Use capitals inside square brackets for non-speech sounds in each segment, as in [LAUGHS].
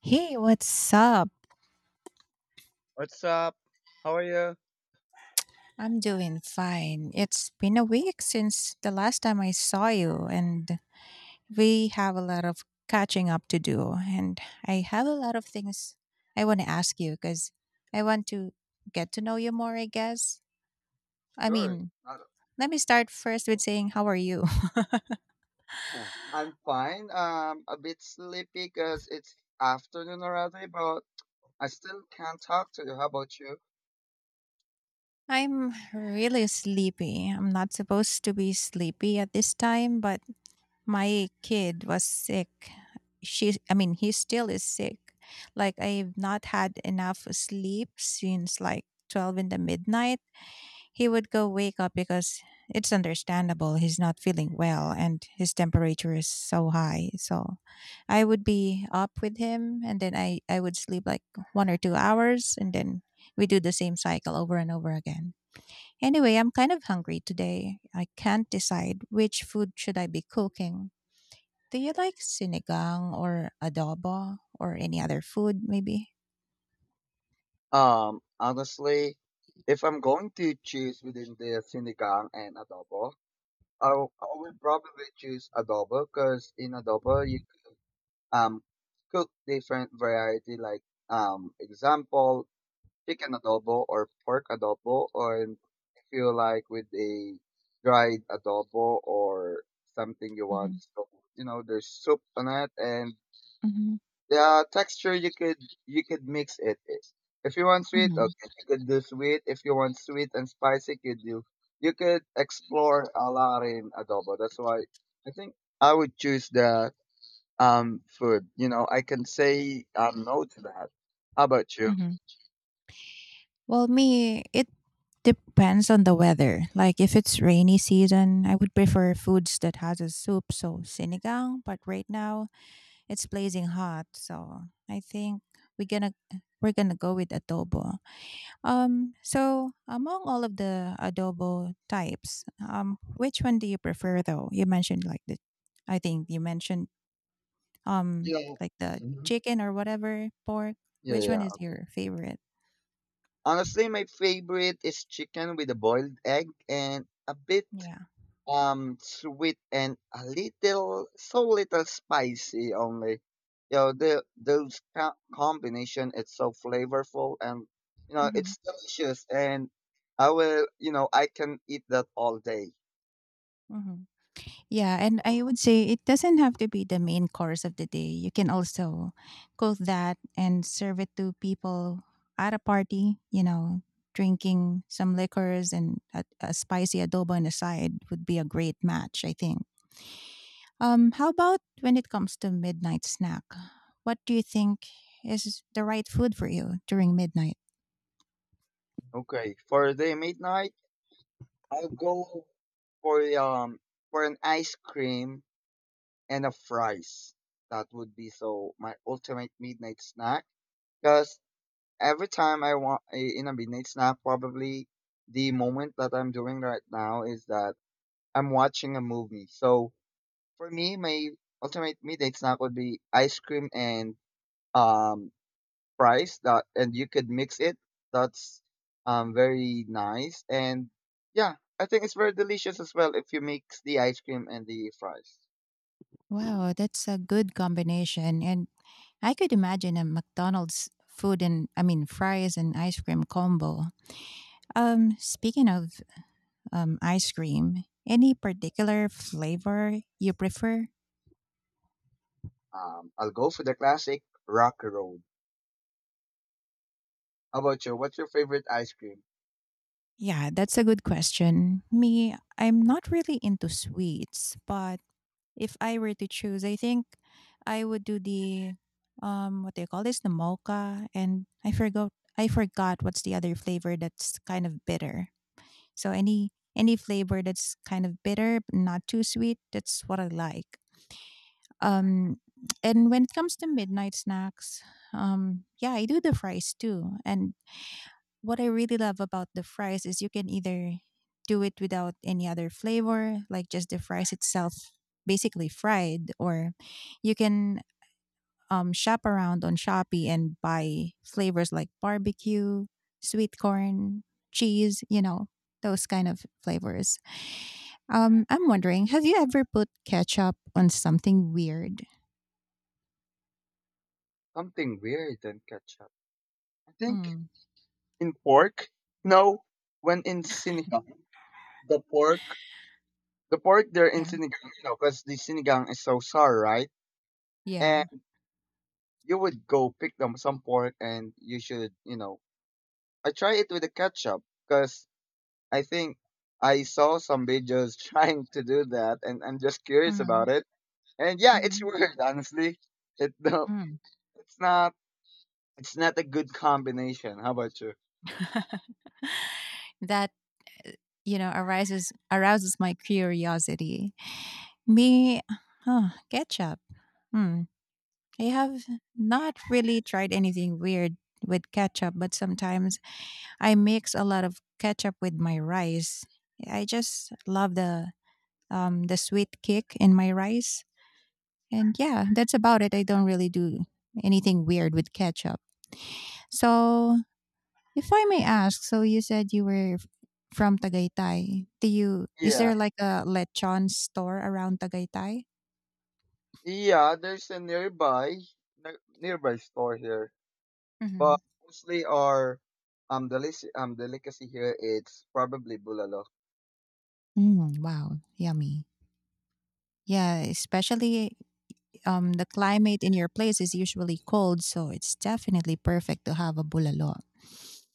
Hey, what's up? What's up? How are you? I'm doing fine. It's been a week since the last time I saw you, and we have a lot of catching up to do. And I have a lot of things I want to ask you because I want to get to know you more, I guess. I Sure. mean, Uh, let me start first with saying, How are you? huh. I'm fine. A bit sleepy because it's afternoon already, but I still can't talk to you. How about you? [LAUGHS] I'm really sleepy. I'm not supposed to be sleepy at this time, but my kid was sick. He still is sick. Like, I've not had enough sleep since like 12 in the midnight. He would go wake up because it's understandable. He's not feeling well and his temperature is so high. So I would be up with him and then I would sleep like 1 or 2 hours and then we do the same cycle over and over again. Anyway, I'm kind of hungry today. I can't decide which food should I be cooking. Do you like sinigang or adobo or any other food maybe? Honestly, if I'm going to choose between the sinigang and adobo, I will probably choose adobo because in adobo you um cook different variety like example chicken adobo or pork adobo, or and if you like with a dried adobo or something you want. Mhm, So you know, there's soup on it, and mhm, the texture you could mix it. If you want sweet, mhm, okay, you could do sweet. If you want sweet and spicy, you could do. You could explore a lot in adobo. That's why I think I would choose the food. You know, I can say no to that. How about you? mhm. Well, me, it depends on the weather. Like if it's rainy season, I would prefer foods that has a soup, so sinigang, but right now it's blazing hot, so I think we're gonna we're gonna go with adobo. So among all of the adobo types, which one do you prefer though? You mentioned like the I think you mentioned Um, You like the know. chicken or whatever, pork? Yeah, yeah, Which one yeah, is okay. your favorite? Honestly, my favorite is chicken with a boiled egg and a bit Yeah. Sweet and a little so little spicy only. You know, the those combination it's so flavorful and you know, Mhm. it's delicious and I will, you know, I can eat that all day. Mhm. Yeah, and I would say it doesn't have to be the main course of the day. You can also cook that and serve it to people at a party, you know, drinking some liquors and a spicy adobo on the side would be a great match, I think. How about when it comes to midnight snack? What do you think is the right food for you during midnight? Okay, for the midnight, I'll go for um for an ice cream and a fries. That would be so my ultimate midnight snack. Because every time I want a in a midnight snack, probably the moment that I'm doing right now is that I'm watching a movie. So for me, my ultimate midnight snack would be ice cream and um fries. That and you could mix it. That's very nice and yeah, I think it's very delicious as well if you mix the ice cream and the fries. Wow, that's a good combination. And I could imagine a McDonald's food and I mean fries and ice cream combo. Speaking of ice cream, any particular flavor you prefer? I'll go for the classic Rocky Road. How about you? What's your favorite ice cream? Yeah, that's a good question. Me, I'm not really into sweets, but if I were to choose, I think I would do the what do you call this? The mocha and I forgot what's the other flavor that's kind of bitter. So any flavor that's kind of bitter, but not too sweet, that's what I like. Um, and when it comes to midnight snacks, yeah, I do the fries too. And what I really love about the fries is you can either do it without any other flavor, like just the fries itself, basically fried, or you can shop around on Shopee and buy flavors like barbecue, sweet Huh? corn, cheese, you know, those kind of flavors. I'm wondering, have you ever put ketchup on something weird? Something weird than ketchup. I think Mm, in pork. No, when in sinigang, the pork, the pork they're in yeah. sinigang, you know, because the sinigang is so sour, right? Yeah. And you would go pick them some pork, and you should, you know, I try it with the ketchup because I think I saw some videos [LAUGHS] trying to do that, and I'm just curious Mhm, about it. And yeah, it's mhm, weird, honestly. It [LAUGHS] mm. It's not it's not a good combination. How about you? That, arises arouses my curiosity. Me ketchup. Hmm, I have not really tried anything weird with ketchup, but sometimes I mix a lot of ketchup with my rice. I just love the sweet kick in my rice, and yeah, that's about it. I don't really do anything weird with ketchup. So if I may ask, so you said you were from Tagaytay. Do you Is Yeah. there like a lechon store around Tagaytay? Yeah, there's a nearby nearby store here. Mm-hmm. But mostly our delicacy here it's probably bulalo. Mm, wow, yummy. Yeah, especially the climate in your place is usually cold, so it's definitely perfect to have a bulalo.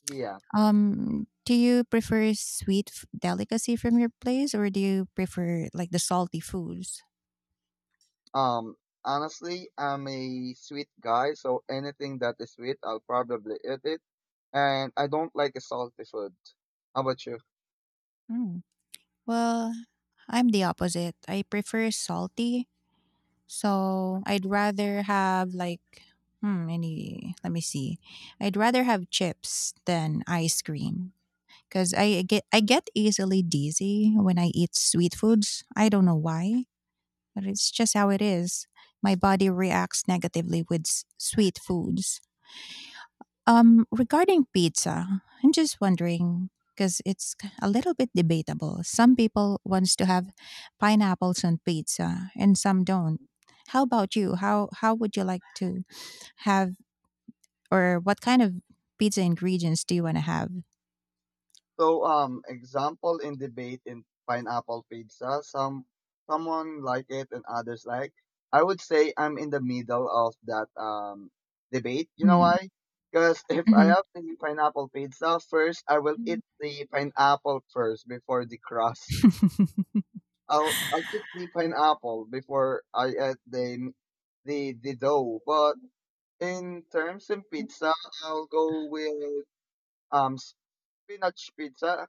Yeah. Do you prefer sweet delicacy from your place, or do you prefer like the salty foods? Um honestly I'm a sweet guy, so anything that is sweet I'll probably eat it. And I don't like a salty food. How about you? Mm. Well, I'm the opposite. I prefer salty, so I'd rather have like hmm, any. Let me see. I'd rather have chips than ice cream because I get easily dizzy when I eat sweet foods. I don't know why, but it's just how it is. My body reacts negatively with sweet foods. Regarding pizza, I'm just wondering because it's a little bit debatable. Some people wants to have pineapples on pizza, and some don't. How about you? How would you like to have, or what kind of pizza ingredients do you want to have? So, example in debate in pineapple pizza, some someone like it and others like. I would say I'm in the middle of that debate. You know why? Because [LAUGHS] if I Mm-hmm. have the pineapple pizza first, I will eat the pineapple first before the crust. [LAUGHS] I'll put the pineapple before I add the dough. But in terms of М. pizza, I'll go with um spinach pizza.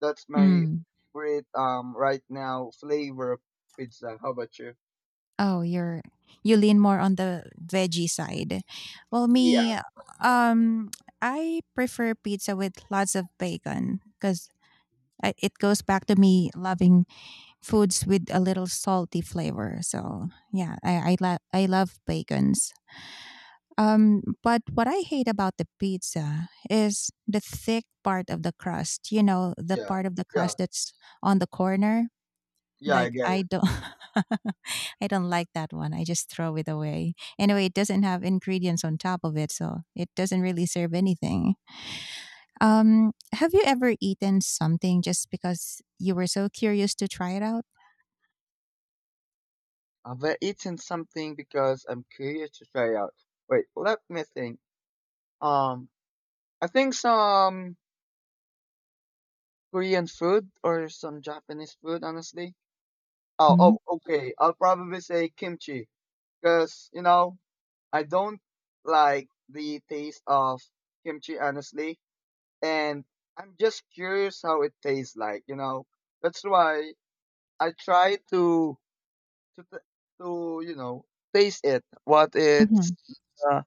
That's my Mm. favorite right now flavor of pizza. How about you? Oh, you lean more on the veggie side. Well, me, Yeah, um, I prefer pizza with lots of bacon because it goes back to me loving foods with a little salty flavor. So yeah, I love bacons. But what I hate about the pizza is the thick part of the crust. You know, the yeah, part of the yeah, crust that's on the corner. yeah. I Like get I it. don't, [LAUGHS] I don't like that one. I just throw it away. Anyway, it doesn't have ingredients on top of it, so it doesn't really serve anything. Have you ever eaten something just because you were so curious to try it out? Have I eaten something because I'm curious to try out? Wait, let me think. Um, I think some Korean food or some Japanese food. Honestly. Oh, okay. I'll probably say kimchi because you know I don't like the taste of kimchi honestly and I'm just curious how it tastes like. You know, that's why I try to to t- to you know taste it, what it's Mhm. uh,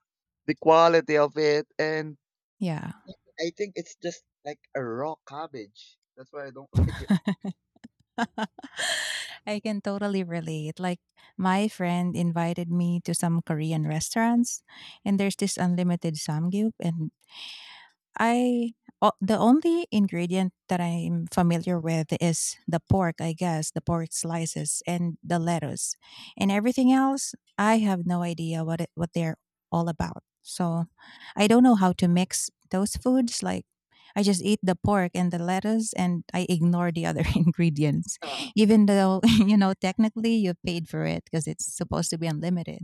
the quality of it, and Yeah. I think it's just like a raw cabbage. That's why I don't [LAUGHS] like it. [LAUGHS] I can totally relate. Like my friend invited me to some Korean restaurants and there's this unlimited samgyup and I o the only ingredient that I'm familiar with is the pork, I guess, the pork slices and the lettuce. And everything else, I have no idea what they're all about. So, I don't know how to mix those foods like I just eat the pork and the lettuce and I ignore the other [LAUGHS] ingredients [LAUGHS] even though, [LAUGHS] you know, technically you paid for it because it's supposed to be unlimited.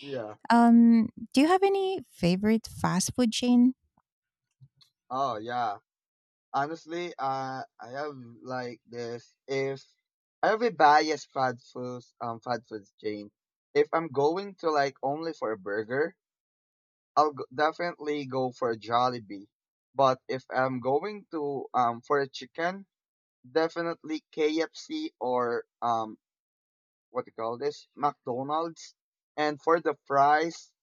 yeah. Do you have any favorite fast food chain? Oh yeah. Honestly, I have like this. If I have a bias fast foods chain. If I'm going to like only for a burger, I'll definitely go for Jollibee. But if I'm going to for a chicken, definitely KFC or what do you call this McDonald's. And for the fries,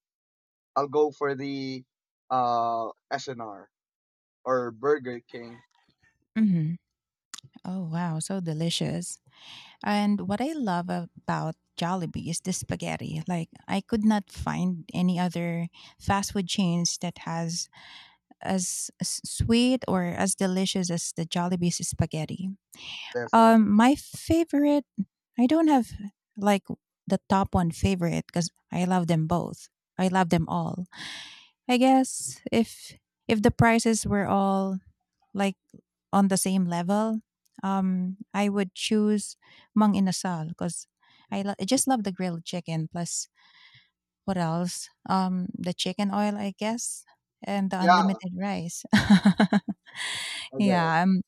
I'll go for the SNR or Burger King. Mhm. Oh wow, so delicious. And what I love about Jollibee is the spaghetti. Like I could not find any other fast food chains that has as sweet or as delicious as the Jollibee's spaghetti. Definitely. My favorite I don't have like the top one favorite cuz I love them both. I love them all. I guess if the prices were all like on the same level, I would choose mang inasal because I just love the grilled chicken. Plus, what else? The chicken oil, I guess, and the Yeah. unlimited rice. [LAUGHS] Okay. Yeah,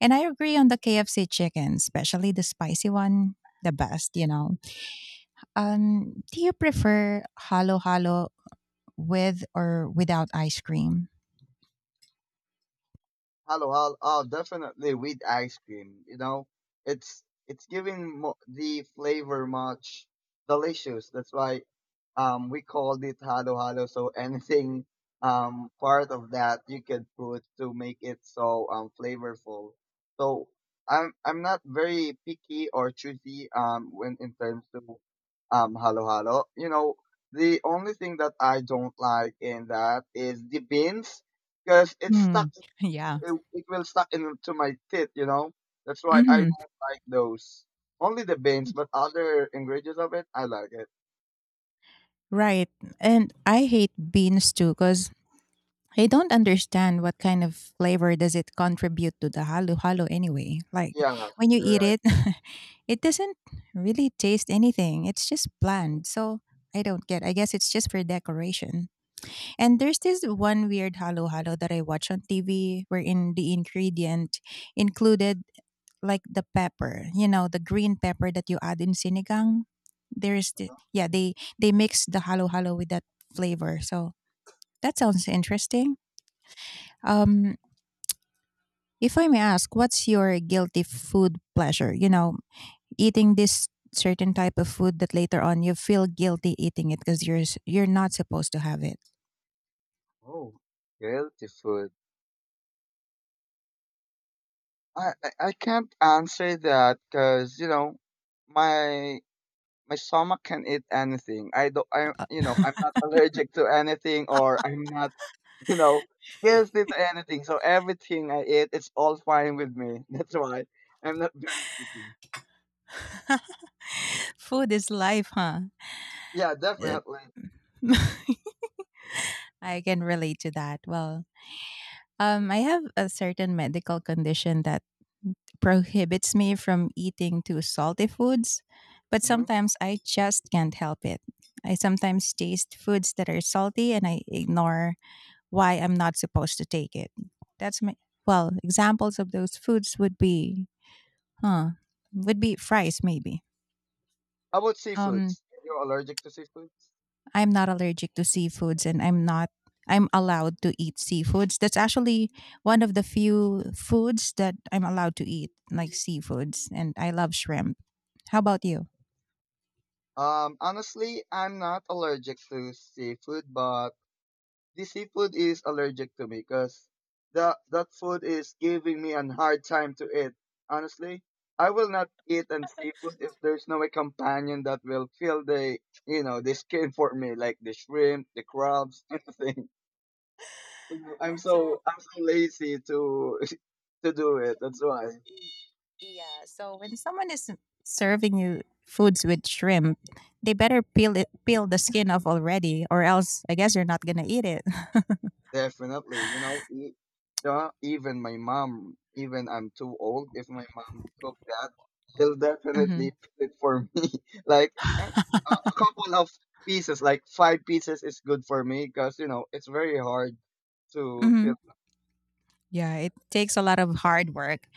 and I agree on the KFC chicken, especially the spicy one, the best. You know. Do you prefer halo halo with or without ice cream? Hello, hello. Oh, definitely with ice cream. You know, it's giving the flavor much delicious. That's why we called it halo halo. So [LAUGHS] anything part of that you could put to make it so flavorful. So I'm not very picky or choosy when in terms to halo halo. You know, the only thing that I don't like in that is the beans because Mm, yeah. it, it will stuck into my teeth, you know. That's why I Mhm. don't like those. Only the beans, but other ingredients of it, I like it. Right. And I hate beans too cuz I don't understand what kind of flavor does it contribute to the halo-halo anyway. Like Yeah, when you you're eat right. it, [LAUGHS] it doesn't really taste anything. It's just bland. So I don't get. I guess it's just for decoration. And there's this one weird halo halo that I watch on TV wherein the ingredient included like the pepper, you know, the green pepper that you add in sinigang. There's the, yeah, they mix the halo halo with that flavor. So that sounds interesting. Um if I may ask, what's your guilty food pleasure? You know, eating this certain type of food that later on you feel guilty eating it because you're not supposed to have it. Oh, guilty food. I can't answer that because you know my my stomach can eat anything. I don't. I you know I'm not allergic to anything, or I'm not [LAUGHS] you know guilty to anything. So everything I eat, it's all fine with me. [LAUGHS] That's why I'm not very picky. [LAUGHS] Food is life, huh? Yeah, definitely. [LAUGHS] I can relate to that. Well, I have a certain medical condition that prohibits me from eating too salty foods, but Mhm. sometimes I just can't help it. I sometimes taste foods that are salty and I ignore why I'm not supposed to take it. That's my examples of those foods would be huh, would be fries maybe. How about Um seafoods? You're allergic to seafoods? I'm not allergic to seafoods and I'm not I'm allowed to eat seafoods. That's actually one of the few foods that I'm allowed to eat, like seafoods, and I love shrimp. How about you? Honestly, I'm not allergic to seafood, but the seafood is allergic to me because that food is giving me a hard time to eat. Honestly, I will not eat an seafood if there's no a companion that will fill the you know the skin for me, like the shrimp, the crabs, [LAUGHS] anything. So So I'm so lazy to [LAUGHS] to do it. That's why. yeah. So when someone is serving you foods with shrimp, they better peel it, peel the skin off already, or else I guess you're not gonna eat it. [LAUGHS] Definitely, you know, even my mom, even I'm too old, if my mom cook that, they'll Hmm. definitely [LAUGHS] put it for me. [LAUGHS] Like um, a couple of pieces, like 5 pieces is good for me because, you know, it's very hard to feel. Hmm. Yeah, it takes a lot of hard work.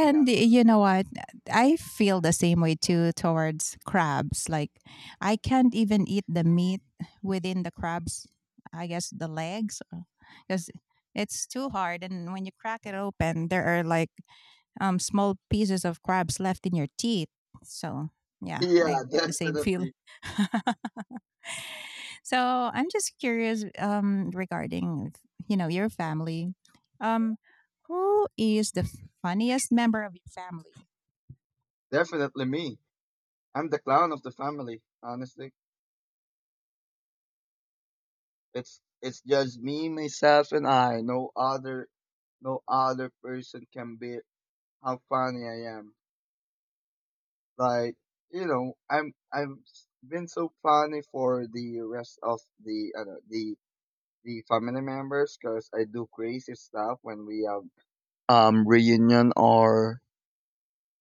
Yeah. You know what? I feel the same way too towards crabs. Like I can't even eat the meat within the crabs. I guess the legs, because it's too hard. And when you crack it open, there are like small pieces of crabs left in your teeth. So [LAUGHS] yeah, Yeah, I get the same feeling. definitely. [LAUGHS] So I'm just curious regarding, you know, your family. Um, who is the funniest member of your family? Definitely me. I'm the clown of the family, honestly. It's just me, myself, and I. No other person can be how funny I am. Like, you know, I've been so funny for the rest of the I don't the family members because I do crazy stuff when we have reunion or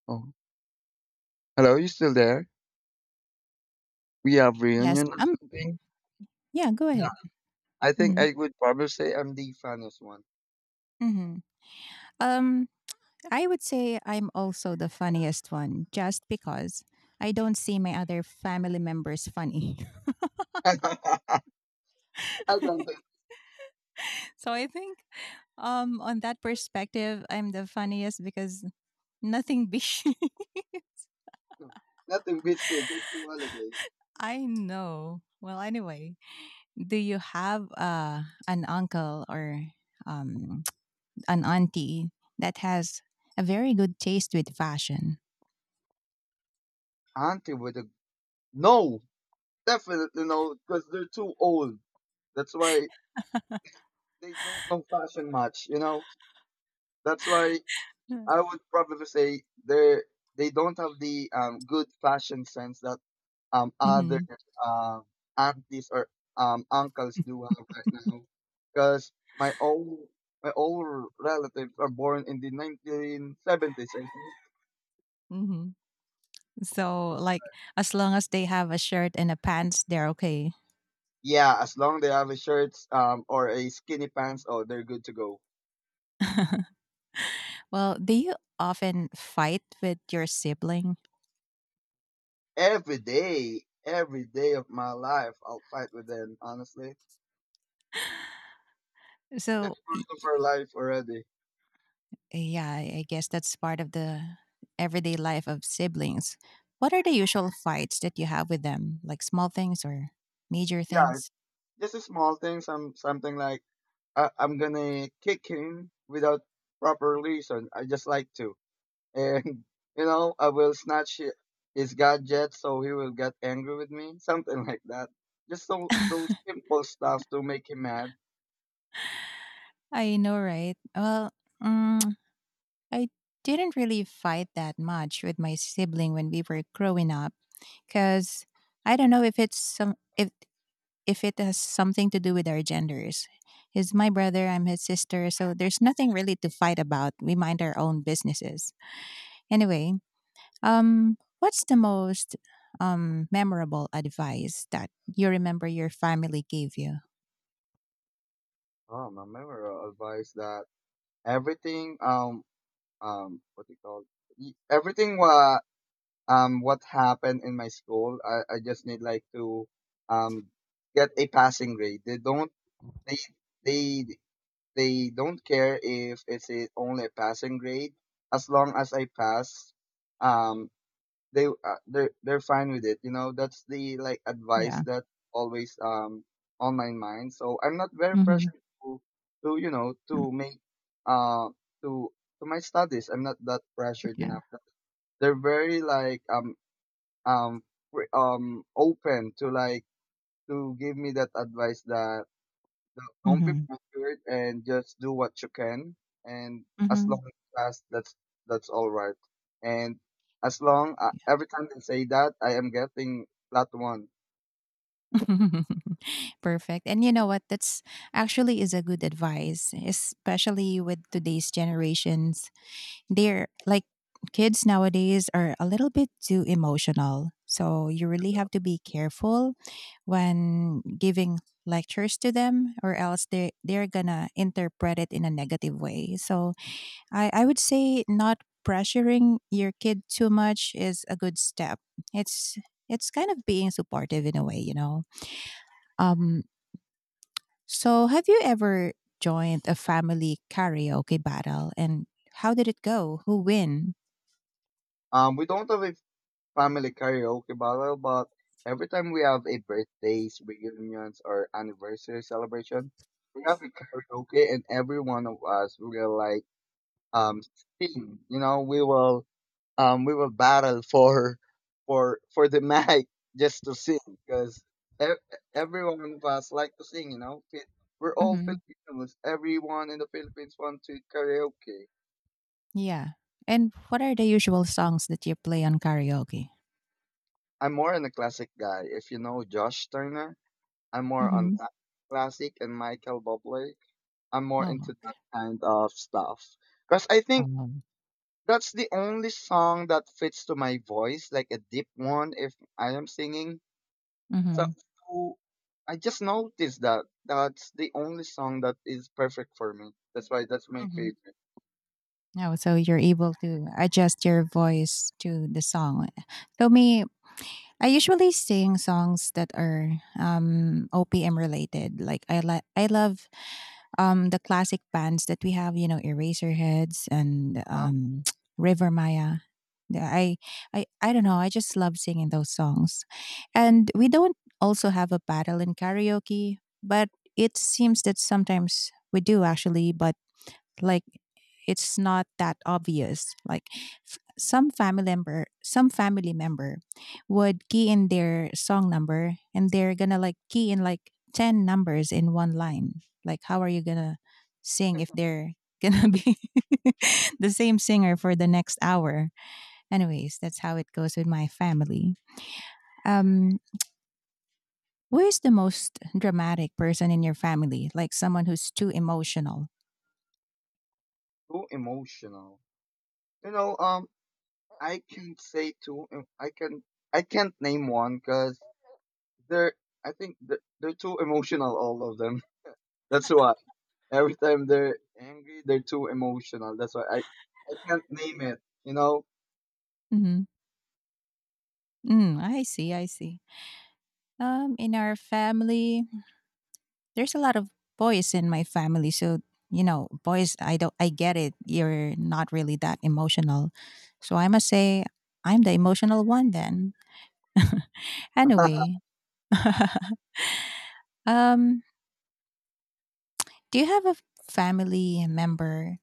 oh hello you still there we have Yes. reunion or something Yeah. Go yeah ahead. I think Mm-hmm. I would probably say I'm the funniest one. Mm-hmm. Um. I would say I'm also the funniest one just because I don't see my other family members funny. [LAUGHS] I don't [LAUGHS] So I think on that perspective I'm the funniest because nothing big. [LAUGHS] know. Nothing beats the Dirty holiday. I know. Well, anyway, do you have an uncle or um [TSK] an auntie that has a very good taste with fashion? Auntie with a no definitely no because they're too old, that's why they don't know fashion much, you know. That's why I would probably say they don't have the good fashion sense that other Mhm. um aunties or uncles do have right now. Because my old my old relatives are born in the 1970s. I think. Mhm. So, like, as long as they have a shirt and a pants, they're okay. Yeah, as long they have a shirt or a skinny pants, oh they're good to go. Well, do you often fight with your sibling? Every day of my life, I'll fight with them. Honestly, So, it's part y- of our life already. yeah, I guess that's part of the everyday life of siblings. What are the usual fights that you have with them? Like small things or major Yeah, things? just a small thing, some something like I'm gonna kick him without proper reason. I just like to, and [LAUGHS] you know, I will snatch his gadget so he will get angry with me, [LAUGHS] something like that. Just so those [LAUGHS] simple stuff to make him mad. I know, right? Well, mm I didn't really fight that much with my sibling when we were growing up because I don't know if it's some if it has something to do with our genders. He's my brother, I'm his sister, so there's nothing really to fight about. We mind our own businesses. Anyway, what's the most memorable advice that you remember your family gave you? Oh, my memorable advice that everything what do you call y- everything what happened in my school. I just need like to um get a passing grade. They they they don't care if it's a, only a passing grade as long as I pass, um they're fine with it, you know. That's the like advice Yeah. that always on my mind, so I'm not very pressured to you know Mm. to make uh to to my studies, I'm not that pressured Yeah. enough. They're very like um open to like to give me that advice that no, don't be Mm-hmm. pressured and just do what you can. And as Mm-hmm. long as you pass, that's all right. And as long Yeah. every time they say that, I am getting that one. [LAUGHS] Perfect. And you know what? That's actually is a good advice, especially with today's generations. They're like, kids nowadays are a little bit too emotional. So you really have to be careful when giving lectures to them, or else they're gonna interpret it in a negative way. So I would say not pressuring your kid too much is a good step. It's it's kind of being supportive in a way, you know. Um so have you ever joined a family karaoke battle, and how did it go? Who win? We don't have a family karaoke battle, but every time we have a birthdays, reunions, or anniversary celebration, we have a karaoke, and every one of us will like um sing. You know, we will battle for the [LAUGHS] mic just to sing because everyone of us like to sing. You know, we're all Filipinos. Everyone in the Philippines wants to karaoke. Yeah. And what are the usual songs that you play on karaoke? I'm more on the classic guy. If you know Josh Turner, I'm more on Mhm. that classic and Michael Bublé. I'm more Oh, into that kind of stuff because I think um, that's the only song that fits to my voice, like a deep one. If I am singing So, mhm, so I just noticed that that's the only song that is perfect for me. That's why that's my mhm. favorite. Oh, so you're able to adjust your voice to the song. So me, I usually sing songs that are OPM related. Like I love the classic bands that we have, you know, eraserheads and Uh, [TSK] river maya. The- I, I don't know, I just love singing those songs, and we don't also have a battle in karaoke, but it seems that sometimes we do actually, but like, it's not that obvious. Like, some family member would key in their song number, and they're gonna like key in like 10 numbers in one line. Like how are you gonna sing if they're gonna be [LAUGHS] the same singer for the next hour? Anyways, that's how it goes with my family. um who is the most dramatic person in your family, like someone who's too emotional? too emotional. You know, I can say too. I can I can't name one because they're I think they're too emotional. All of them. [LAUGHS] That's why every time they're angry, they're too emotional. That's why I can't name it. Mm-hmm. Mm, I see, I see. In our family, there's a lot of boys in my family, so you know, boys, I don't I get it, you're not really that emotional, so I must say I'm the emotional one then. [LAUGHS] Anyway. [LAUGHS] um do you have a family member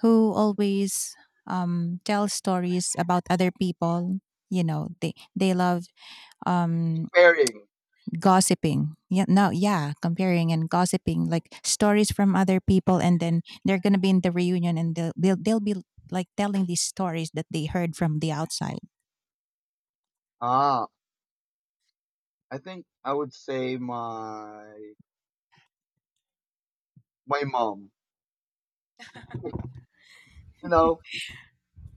who always tells stories about other people? You know, they love um [LAUGHS] pairing. gossiping. Yeah, no, yeah, comparing and gossiping, like stories from other people, and then they're gonna be in the reunion, and they'll be like telling these stories that they heard from the outside. Ah, I think I would say my mom. [LAUGHS] You know,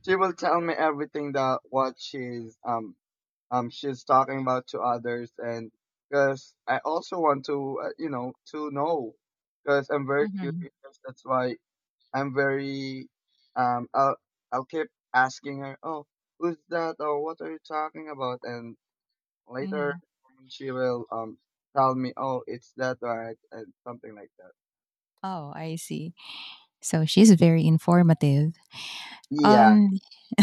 She will tell me everything that what she's talking about to others. And because I also want to you know to know, because I'm very curious. That's why I'm very, um I'll I'll keep asking her, "Oh, who's that? Or what are you talking about?" And later Hmm. on she will tell me, "Oh, it's that right?" and something like that. Oh, I see. So she's very informative. Yeah. Um, [LAUGHS]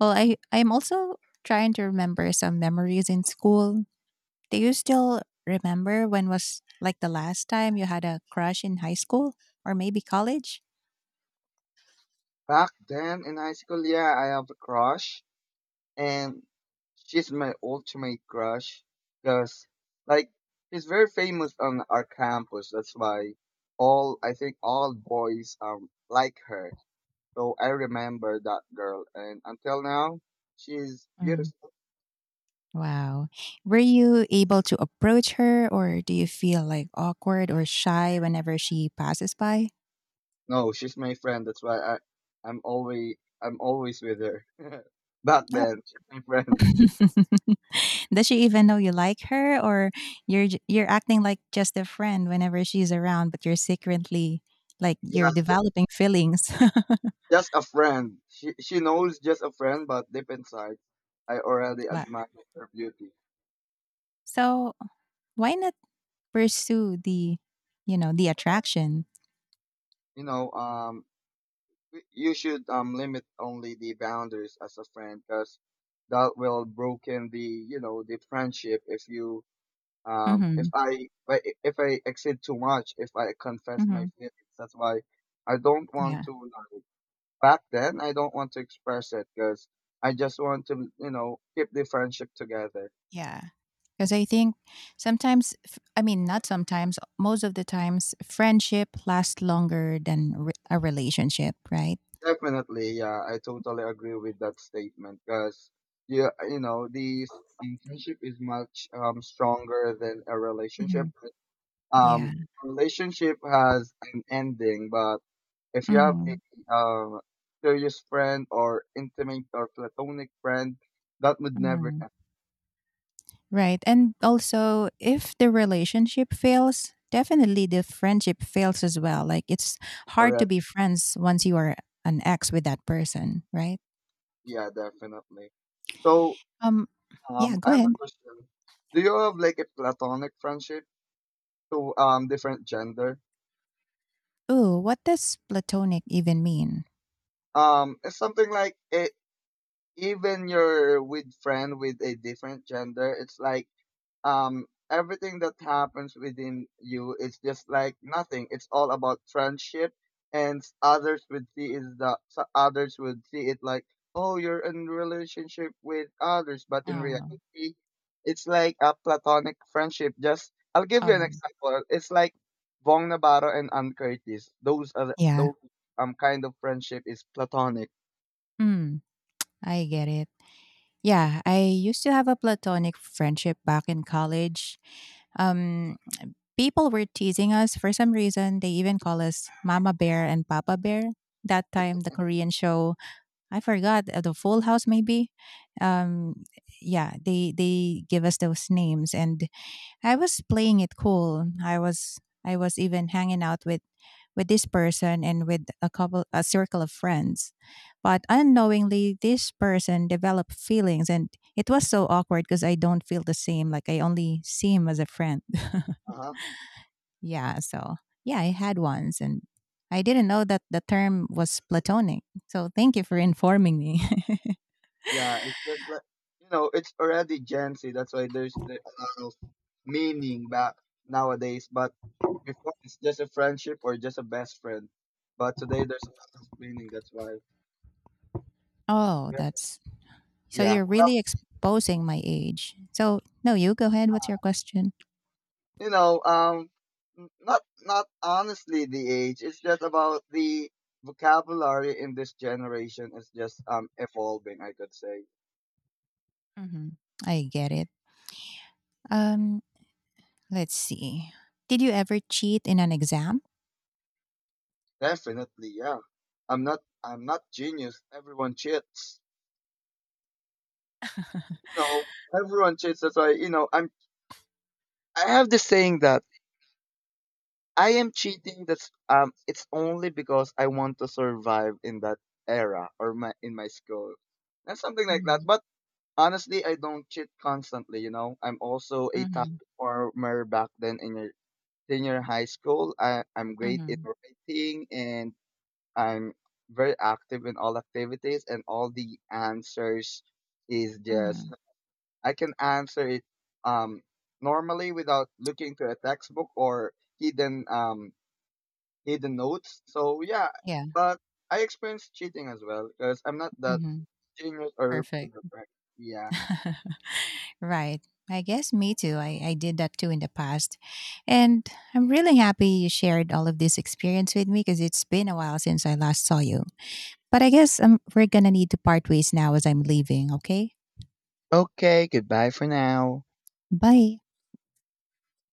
well, I'm also trying to remember some memories in school. Do you still remember when was like the last time you had a crush in high school or maybe college? Back then in high school, yeah, I have a crush, and she's my ultimate crush because, like, she's very famous on our campus. That's why all, I think all boys like her. So I remember that girl, and until now she's beautiful. Wow. Were you able to approach her, or do you feel like awkward or shy whenever she passes by? No, she's my friend, that's why i'm always I'm always with her. [LAUGHS] Back Oh. then she's my friend. [LAUGHS] Does she even know you like her, or you're acting like just a friend whenever she's around, but you're secretly, like, yeah you're ju- developing feelings? [LAUGHS] just a friend. She knows just a friend, but deep inside I already Wow. admire her beauty. So, why not pursue the, you know, the attraction? you know, um, you should limit only the boundaries as a friend, because that will broken the the friendship. If you if Mhm. I if if I exceed too much, if I confess my Mhm. feelings, that's why I don't want Yeah. to, like, back then I don't want to express it, because I just want to keep the friendship together. Yeah. Because I think I mean, not sometimes, most of the times, friendship lasts longer than a relationship, right? Definitely, yeah, I totally agree with that statement because, yeah, you know, friendship is much stronger than a Hmm. relationship. Yeah. Um, relationship has an ending, but if you have Hmm. a serious friend or intimate or platonic friend, that would never Hmm. end, Right. And also, if the relationship fails, definitely the friendship fails as well. Like, it's hard to correct? be friends once you are an ex with that person, right? Yeah, definitely. So, Um, yeah, I go have a ahead. question. Do you have like a platonic friendship to different gender? Ooh, what does platonic even mean? It's something like it, even you're with friend with a different gender, it's like everything that happens within you is just like nothing. It's all about friendship, and others would see is the, so others would see it like, oh, you're in relationship with others, but in Oh, reality, it's like a platonic friendship. Just I'll give you an um, example. It's like Bong Navarro and Ann Curtis. Yeah. Those kind of friendship is platonic. Mm, I get it. Yeah, I used to have a platonic friendship back in college. Um, people were teasing us for some reason. They even call us Mama Bear and Papa Bear. That time, the Korean show, I forgot the Full House, maybe. Um, yeah, they give us those names, and I was playing it cool. I was even hanging out with this person and with a couple, a circle of friends, but unknowingly this person developed feelings, and it was so awkward because I don't feel the same, like I only see him as a friend. [LAUGHS] Yeah, so yeah, I had once, and I didn't know that the term was platonic, so thank you for informing me. [LAUGHS] Yeah, it's that's like, you know, it's already Gen Z. That's why there's the a lot of meaning back nowadays. But before it's just a friendship or just a best friend. But today there's a lot of meaning. That's why. Oh, Yeah. that's. So Yeah. you're Well, really exposing my age. So no, you go ahead. What's your question? you know, not honestly the age. It's just about the vocabulary in this generation is just evolving, I could say. Hmm. I get it. Um, let's see. Did you ever cheat in an exam? Definitely. Yeah. I'm not genius. Everyone cheats. [LAUGHS] You know, everyone cheats. That's why, you know, I'm, I have this saying that I am cheating. That's it's only because I want to survive in that era or my in my school, and something like that. Hmm. But honestly, I don't cheat constantly. You know, I'm also a top Hmm. performer back then in your senior high school. I'm great in Hmm. writing and I'm very active in all activities, and all the answers is just Hmm. I can answer it um, normally without looking to a textbook or hidden, hidden notes. So yeah, Yeah. but I experienced cheating as well because I'm not that Hmm. genius or Perfect. perfect. Yeah. Right. I guess me too. I did that too in the past. And I'm really happy you shared all of this experience with me, because it's been a while since I last saw you. But I guess we're going to need to part ways now as I'm leaving, okay? Okay, goodbye for now. Bye.